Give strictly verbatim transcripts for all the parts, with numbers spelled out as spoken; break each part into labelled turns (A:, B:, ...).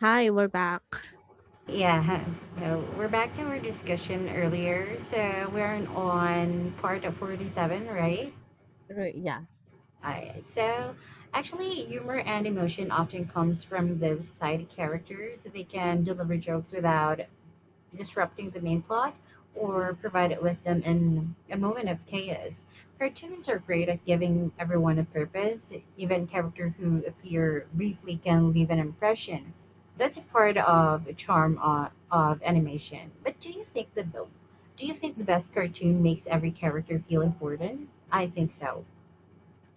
A: Hi, we're back.
B: Yeah, so we're back to our discussion earlier. So we're on part of forty-seven, right?
A: Right, yeah.
B: I, so Actually, humor and emotion often comes from those side characters. They can deliver jokes without disrupting the main plot or provided wisdom in a moment of chaos. Cartoons are great at giving everyone a purpose. Even characters who appear briefly can leave an impression. That's a part of the charm of, of animation. But do you think the do you think the best cartoon makes every character feel important? I think so.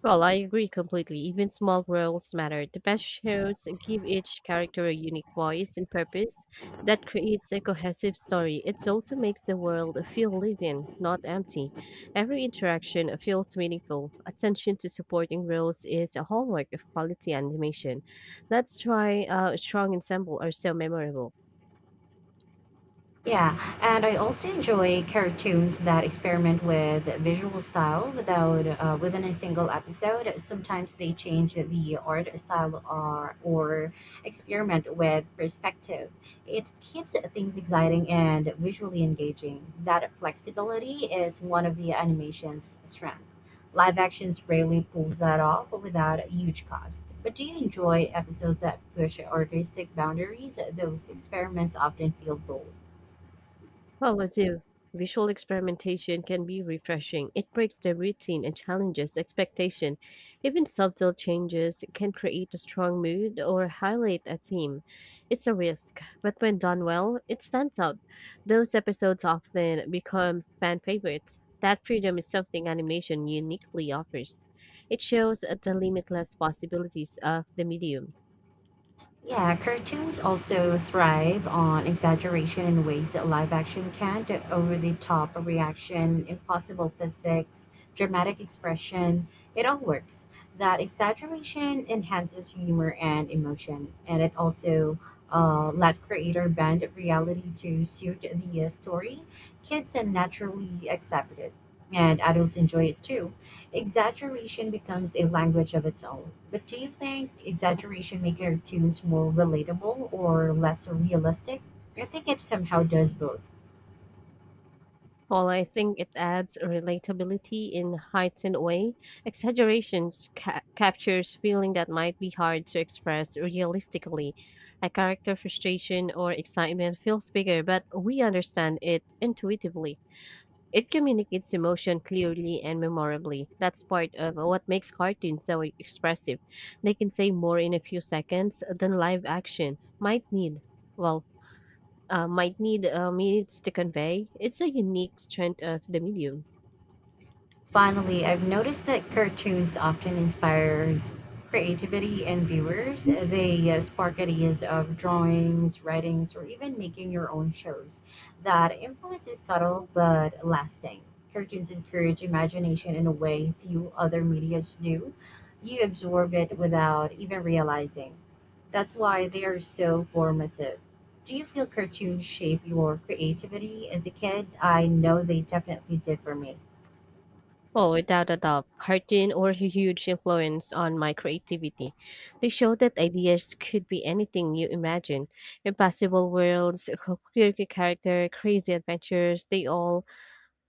A: Well, I agree completely. Even small roles matter. The best shows give each character a unique voice and purpose that creates a cohesive story. It also makes the world feel living, not empty. Every interaction feels meaningful. Attention to supporting roles is a hallmark of quality animation. That's why uh, strong ensemble are so memorable.
B: Yeah, and I also enjoy cartoons that experiment with visual style without uh, within a single episode. Sometimes they change the art style or or experiment with perspective. It keeps things exciting and visually engaging. That flexibility is one of the animation's strength. Live actions rarely pulls that off without a huge cost. But do you enjoy episodes that push artistic boundaries? Those experiments often feel bold.
A: Well, I do. Visual experimentation can be refreshing. It breaks the routine and challenges expectation. Even subtle changes can create a strong mood or highlight a theme. It's a risk, but when done well, it stands out. Those episodes often become fan favorites. That freedom is something animation uniquely offers. It shows the limitless possibilities of the medium.
B: Yeah, cartoons also thrive on exaggeration in ways that live action can't. Over the top reaction, impossible physics, dramatic expression, it all works. That exaggeration enhances humor and emotion, and it also uh, let creator bend reality to suit the uh, story. Kids uh, naturally accept it, and adults enjoy it too. Exaggeration becomes a language of its own. But do you think exaggeration makes cartoons more relatable or less realistic? I think it somehow does both.
A: Well, I think it adds relatability in heightened way. Exaggerations ca- captures feeling that might be hard to express realistically. A character frustration or excitement feels bigger, but we understand it intuitively. It communicates emotion clearly and memorably. That's part of what makes cartoons so expressive. They can say more in a few seconds than live action might need. Well, uh, might need uh, means to convey, it's a unique strength of the medium.
B: Finally, I've noticed that cartoons often inspires creativity in viewers. They uh, spark ideas of drawings, writings, or even making your own shows. That influence is subtle but lasting. Cartoons encourage imagination in a way few other medias do. You absorb it without even realizing. That's why they are so formative. Do you feel cartoons shape your creativity as a kid? I know they definitely did for me.
A: Well, without a doubt, cartoon or huge influence on my creativity. They showed that ideas could be anything you imagine. Impossible worlds, quirky character, crazy adventures, they all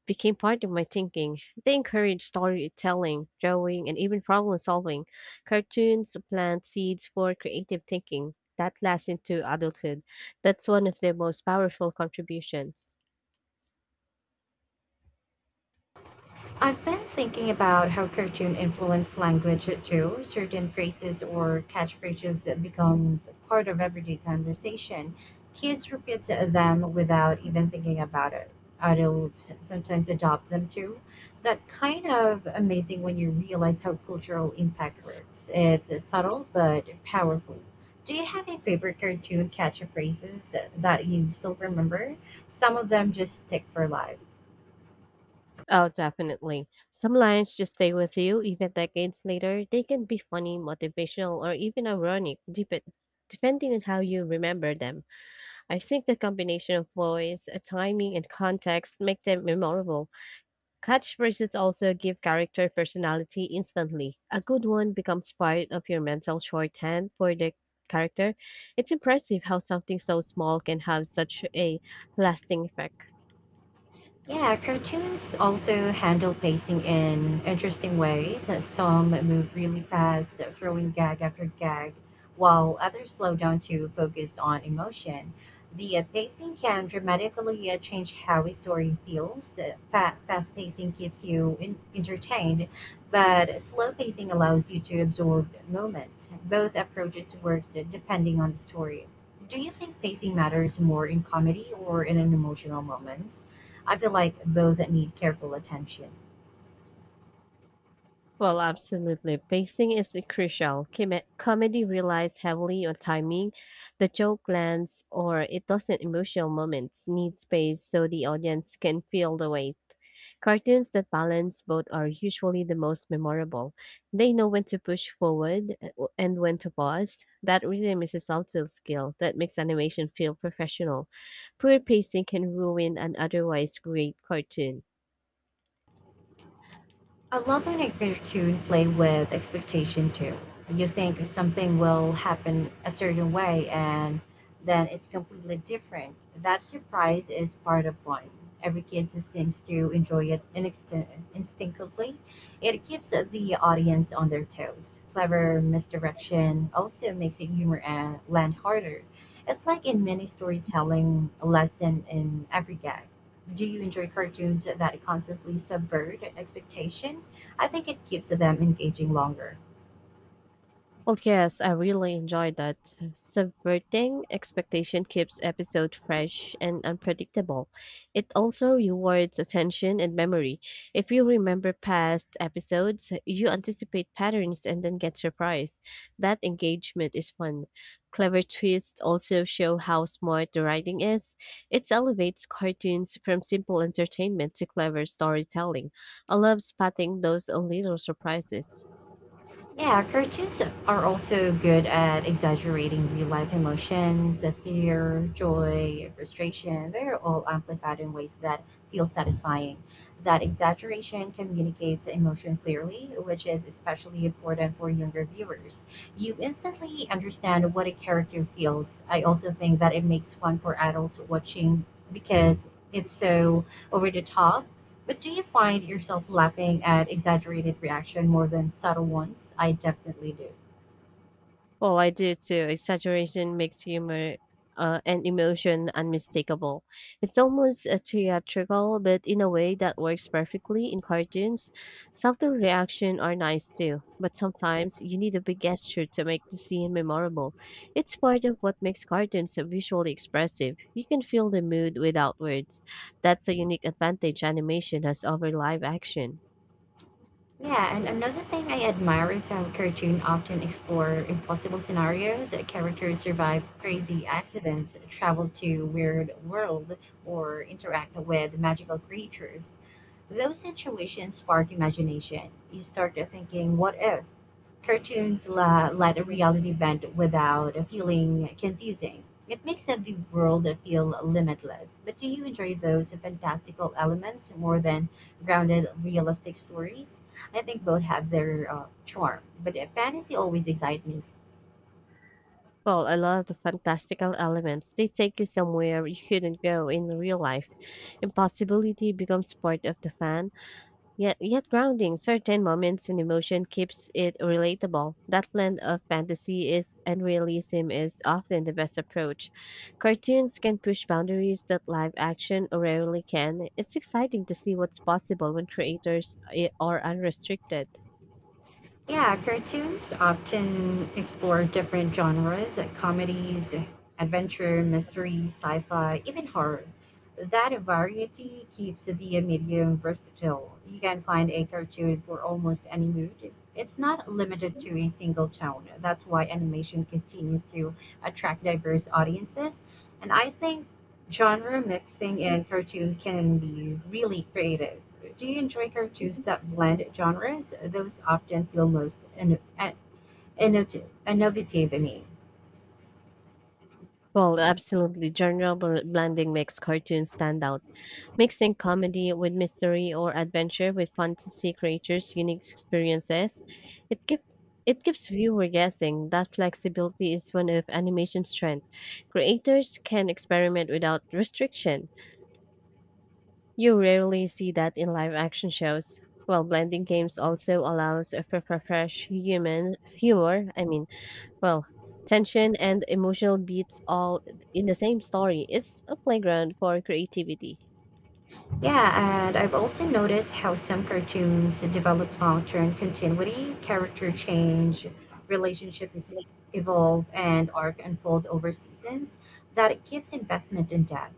A: became part of my thinking. They encouraged storytelling, drawing, and even problem solving. Cartoons plant seeds for creative thinking that lasts into adulthood. That's one of their most powerful contributions.
B: I've been thinking about how cartoon influence language too. Certain phrases or catchphrases that becomes part of everyday conversation. Kids repeat them without even thinking about it. Adults sometimes adopt them too. That kind of amazing when you realize how cultural impact works. It's subtle but powerful. Do you have a favorite cartoon catchphrases that you still remember? Some of them just stick for life.
A: Oh, definitely. Some lines just stay with you even decades later. They can be funny, motivational, or even ironic, dep- depending on how you remember them. I think the combination of voice, uh, timing, and context make them memorable. Catchphrases also give character personality instantly. A good one becomes part of your mental shorthand for the character. It's impressive how something so small can have such a lasting effect.
B: Yeah, cartoons also handle pacing in interesting ways. Uh, Some move really fast, uh, throwing gag after gag, while others slow down to focus on emotion. The uh, pacing can dramatically uh, change how a story feels. Uh, fa- fast pacing keeps you in- entertained, but slow pacing allows you to absorb moment. Both approaches work d- depending on the story. Do you think pacing matters more in comedy or in an emotional moment? I feel like both need careful attention.
A: Well, absolutely. Pacing is crucial. Come- comedy relies heavily on timing. The joke lands or it doesn't. Emotional moments need space so the audience can feel the weight. Cartoons that balance both are usually the most memorable. They know when to push forward uh, w- and when to pause. That rhythm is a subtle skill that makes animation feel professional. Poor pacing can ruin an otherwise great cartoon.
B: I love when actors too play with expectation too. You think something will happen a certain way and then it's completely different. That surprise is part of fun. Every kid just seems to enjoy it inextin- instinctively. It keeps the audience on their toes. Clever misdirection also makes it humor and land harder. It's like in mini storytelling lesson in every gag. Do you enjoy cartoons that constantly subvert expectation? I think it keeps them engaging longer.
A: Well, yes, I really enjoyed that. Subverting expectation keeps episode fresh and unpredictable. It also rewards attention and memory. If you remember past episodes, you anticipate patterns and then get surprised. That engagement is fun. Clever twists also show how smart the writing is. It elevates cartoons from simple entertainment to clever storytelling. I love spotting those little surprises.
B: Yeah, cartoons are also good at exaggerating real life emotions, uh, fear, joy, frustration. They're all
A: Yeah.
B: amplified in ways that feel satisfying. That exaggeration communicates emotion clearly, which is especially important for younger viewers. You instantly understand what a character feels. I also think that it makes fun for adults watching because it's so over the top. But do you find yourself laughing at exaggerated reaction more than subtle ones? I definitely do.
A: Well, I do too. Exaggeration makes humor uh, and emotion unmistakable. It's almost uh, theatrical, but in a way that works perfectly in cartoons. Softer reaction are nice too, but sometimes you need a big gesture to make the scene memorable. It's part of what makes cartoons so visually expressive. You can feel the mood without words. That's a unique advantage animation has over live action.
B: Yeah, and another thing I admire is how cartoons often explore impossible scenarios. Characters survive crazy accidents, travel to weird world, or interact with magical creatures. Those situations spark imagination. You start thinking, what if? Cartoons la- let a reality bend without feeling confusing. It makes the world feel limitless. But do you enjoy those fantastical elements more than grounded, realistic stories? I think both have their uh, charm, but fantasy always excites me.
A: Well, I love the fantastical elements. They take you somewhere you couldn't go in real life. Impossibility becomes part of the fun. Yet, yet grounding certain moments in emotion keeps it relatable. That blend of fantasy is and realism is often the best approach. Cartoons can push boundaries that live action rarely can. It's exciting to see what's possible when creators i- are unrestricted.
B: Yeah, cartoons often explore different genres like comedies, adventure, mystery, sci fi, even horror. That variety keeps the medium versatile. You can find a cartoon for almost any mood. It's not limited to a single tone. That's why animation continues to attract diverse audiences. And I think genre mixing in cartoon can be really creative. Do you enjoy cartoons that blend genres? Those often feel most inno- innovative innovative to me.
A: Well, absolutely. Genre bl- blending makes cartoons stand out. Mixing comedy with mystery or adventure with fantasy creatures' unique experiences, it gives it keeps viewer guessing. That flexibility is one of animation's strength. Creators can experiment without restriction. You rarely see that in live action shows. While blending games also allows for for fresh human humor. I mean, well, tension and emotional beats all in the same story. It's a playground for creativity.
B: Yeah, and I've also noticed how some cartoons develop long term continuity, character change, relationships evolve, and arc unfold over seasons. That gives investment in depth.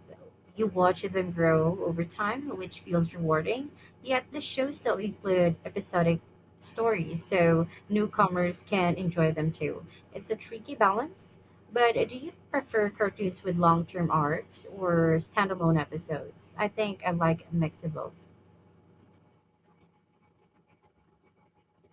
B: You watch them grow over time, which feels rewarding. Yet the shows still include episodic stories, so newcomers can enjoy them too. It's a tricky balance. But uh, do you prefer cartoons with long-term arcs or standalone episodes? I think I like a mix of both.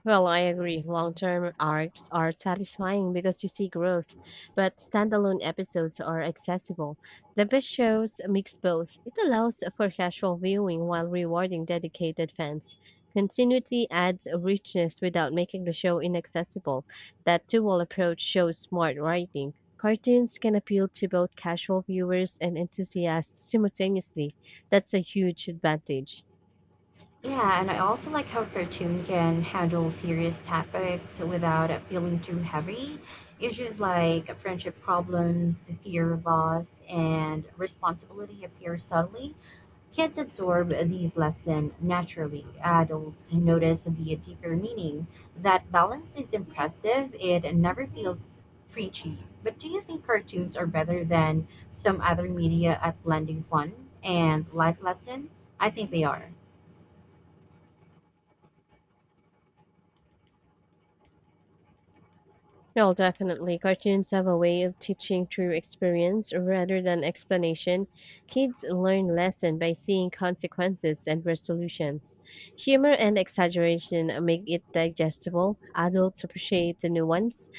A: Well, I agree. Long term arcs are satisfying because you see growth, but standalone episodes are accessible. The best shows mix both. It allows for casual viewing while rewarding dedicated fans. Continuity adds richness without making the show inaccessible. That dual approach shows smart writing. Cartoons can appeal to both casual viewers and enthusiasts simultaneously. That's a huge advantage.
B: Yeah, and I also like how cartoon can handle serious topics without it feeling too heavy. Issues like friendship problems, fear of loss, and responsibility appear subtly. Kids absorb these lessons naturally. Adults notice the deeper meaning. That balance is impressive. It never feels preachy. But do you think cartoons are better than some other media at blending fun and life lesson? I think they are.
A: No, definitely. Cartoons have a way of teaching through experience rather than explanation. Kids learn lesson by seeing consequences and resolutions. Humor and exaggeration make it digestible. Adults appreciate the nuance.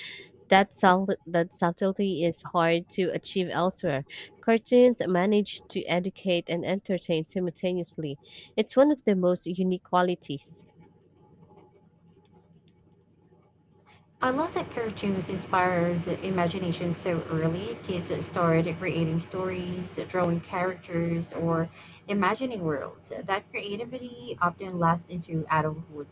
A: That, subtle that subtlety is hard to achieve elsewhere. Cartoons manage to educate and entertain simultaneously. It's one of their most unique qualities.
B: I love that cartoons inspires imagination so early. Kids start creating stories, drawing characters, or imagining worlds. That creativity often lasts into adulthood.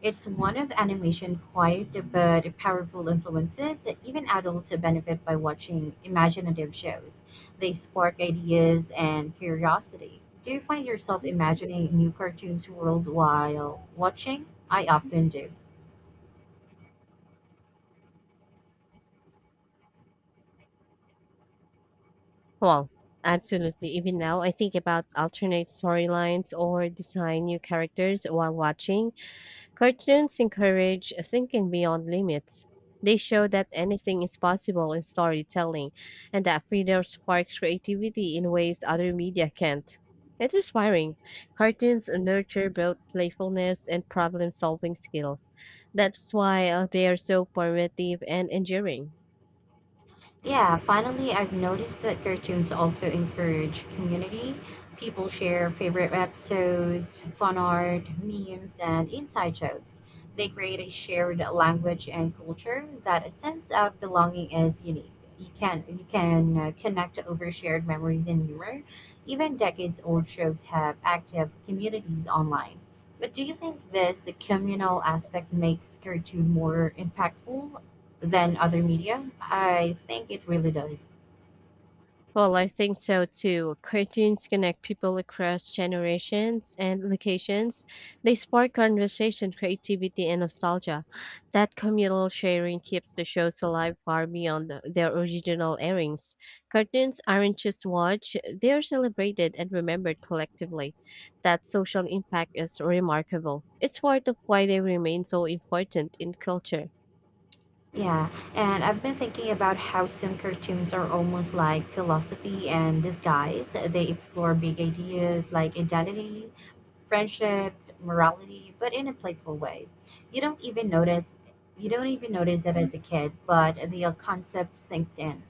B: It's one of animation's quiet but powerful influences. Even adults benefit by watching imaginative shows. They spark ideas and curiosity. Do you find yourself imagining new cartoons world while watching? I often do.
A: Well, absolutely. Even now, I think about alternate storylines or design new characters while watching. Cartoons encourage thinking beyond limits. They show that anything is possible in storytelling and that freedom sparks creativity in ways other media can't. It's inspiring. Cartoons nurture both playfulness and problem solving skill. That's why uh, they are so formative and enduring.
B: Yeah, finally, I've noticed that cartoons also encourage community. People share favorite episodes, fun art, memes, and inside jokes. They create a shared language and culture that a sense of belonging is unique. You can you can uh, connect over shared memories and humor. Even decades-old shows have active communities online. But do you think this communal aspect makes cartoon more impactful than other media. I think it really does.
A: Well, I think so too. Cartoons connect people across generations and locations. They spark conversation, creativity, and nostalgia. That communal sharing keeps the shows alive far beyond the- their original airings. Cartoons aren't just watched, they are celebrated and remembered collectively. That social impact is remarkable. It's part of why they remain so important in culture.
B: Yeah, and I've been thinking about how some cartoons are almost like philosophy and disguise. They explore big ideas like identity, friendship, morality, but in a playful way. You don't even notice you don't even notice it as a kid, but the concept sinked in.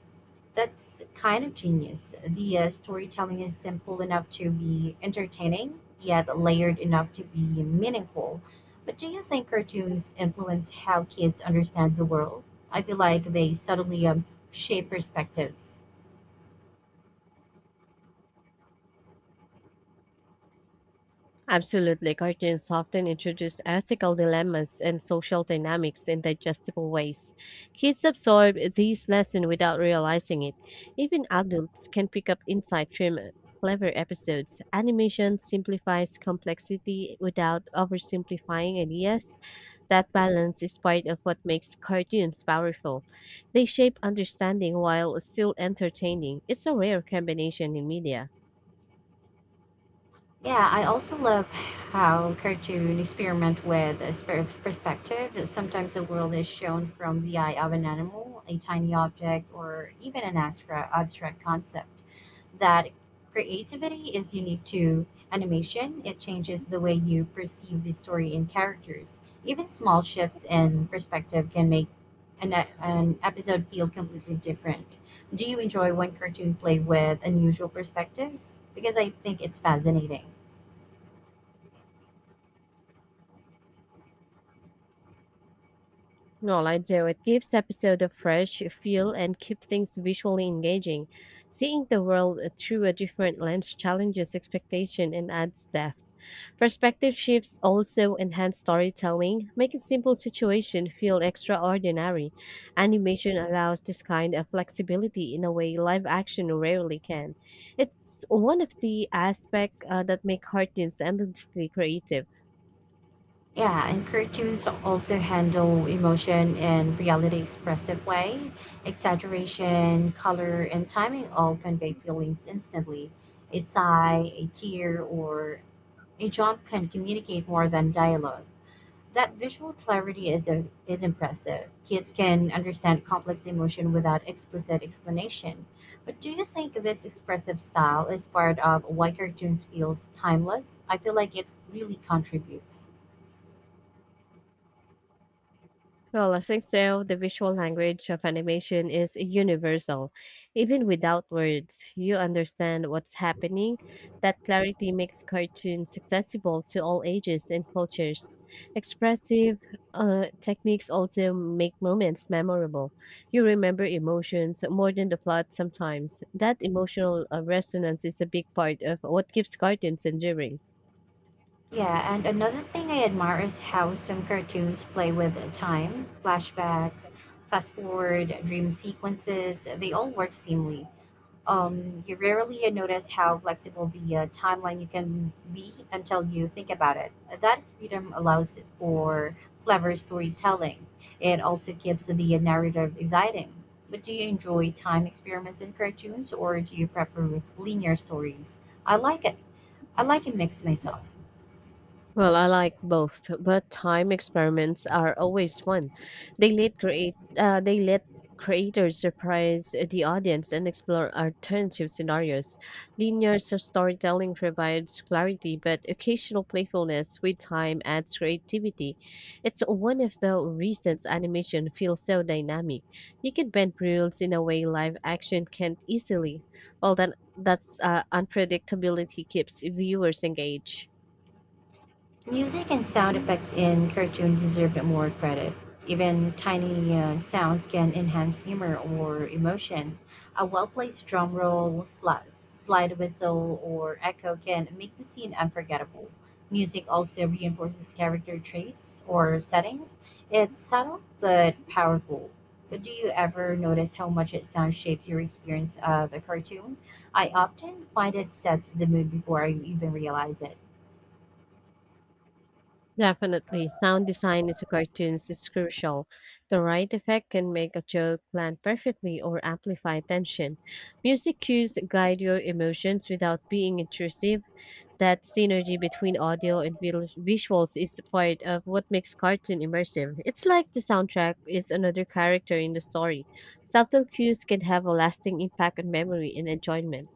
B: That's kind of genius. The uh, storytelling is simple enough to be entertaining, yet layered enough to be meaningful. But do you think cartoons influence how kids understand the world? I feel like they subtly um, shape perspectives.
A: Absolutely, cartoons often introduce ethical dilemmas and social dynamics in digestible ways. Kids absorb these lessons without realizing it. Even adults can pick up insight from clever episodes. Animation simplifies complexity without oversimplifying ideas. That balance is part of what makes cartoons powerful. They shape understanding while still entertaining. It's a rare combination in media.
B: Yeah, I also love how cartoon experiment with a spare perspective. Sometimes the world is shown from the eye of an animal, a tiny object, or even an abstract, abstract concept. That creativity is unique to animation. It changes the way you perceive the story and characters. Even small shifts in perspective can make an, e- an episode feel completely different. Do you enjoy when cartoon play with unusual perspectives? Because I think it's fascinating.
A: Well, I do. It gives episode a fresh feel and keeps things visually engaging. Seeing the world uh, through a different lens challenges expectation and adds depth. Perspective shifts also enhance storytelling, making simple situation feel extraordinary. Animation allows this kind of flexibility in a way live action rarely can. It's one of the aspects uh, that make cartoons endlessly creative.
B: Yeah, and cartoons also handle emotion in reality expressive way. Exaggeration, color, and timing all convey feelings instantly. A sigh, a tear, or a jump can communicate more than dialogue. That visual clarity is a, is impressive. Kids can understand complex emotion without explicit explanation. But do you think this expressive style is part of why cartoons feels timeless? I feel like it really contributes.
A: Well, I think so. The visual language of animation is universal. Even without words, you understand what's happening. That clarity makes cartoons accessible to all ages and cultures. Expressive uh, techniques also make moments memorable. You remember emotions more than the plot sometimes. That emotional uh, resonance is a big part of what keeps cartoons enduring.
B: Yeah, and another thing I admire is how some cartoons play with time, flashbacks, fast forward, dream sequences. They all work seamlessly. Um, you rarely notice how flexible the uh, timeline you can be until you think about it. That freedom allows for clever storytelling. It also keeps the narrative exciting. But do you enjoy time experiments in cartoons, or do you prefer linear stories? I like it. I like a mix myself.
A: Well, I like both, but time experiments are always fun. They let create uh, they let creators surprise the audience and explore alternative scenarios. Linear s- storytelling provides clarity, but occasional playfulness with time adds creativity. It's one of the reasons animation feels so dynamic. You can bend rules in a way live action can't easily. Well, then that's uh, unpredictability keeps viewers engaged.
B: Music and sound effects in cartoons deserve more credit. Even tiny uh, sounds can enhance humor or emotion. A well placed drum roll, sli- slide whistle, or echo can make the scene unforgettable. Music also reinforces character traits or settings. It's subtle but powerful. But do you ever notice how much it sound shapes your experience of a cartoon? I often find it sets the mood before I even realize it.
A: Definitely, sound design in cartoons is crucial. The right effect can make a joke land perfectly or amplify tension. Music cues guide your emotions without being intrusive. That synergy between audio and vil- visuals is part of what makes cartoon immersive. It's like the soundtrack is another character in the story. Subtle cues can have a lasting impact on memory and enjoyment.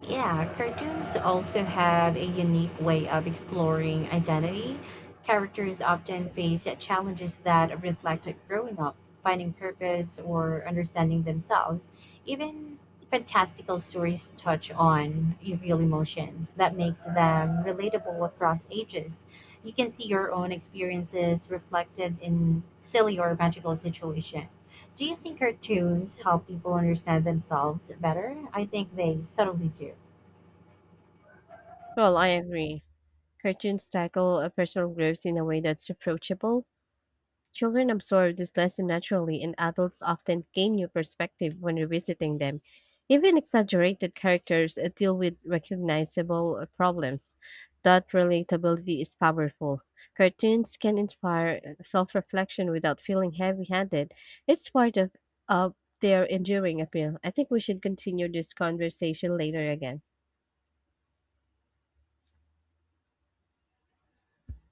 B: Yeah, cartoons also have a unique way of exploring identity. Characters often face challenges that reflect growing up, finding purpose, or understanding themselves. Even fantastical stories touch on real emotions that makes them relatable across ages. You can see your own experiences reflected in silly or magical situations. Do you think cartoons help people understand themselves better? I think they subtly do.
A: Well, I agree. Cartoons tackle a personal growth in a way that's approachable. Children absorb this lesson naturally, and adults often gain new perspective when revisiting them. Even exaggerated characters uh, deal with recognizable uh, problems. That relatability is powerful. Cartoons can inspire self reflection without feeling heavy handed. It's part of, of their enduring appeal. I think we should continue this conversation later again.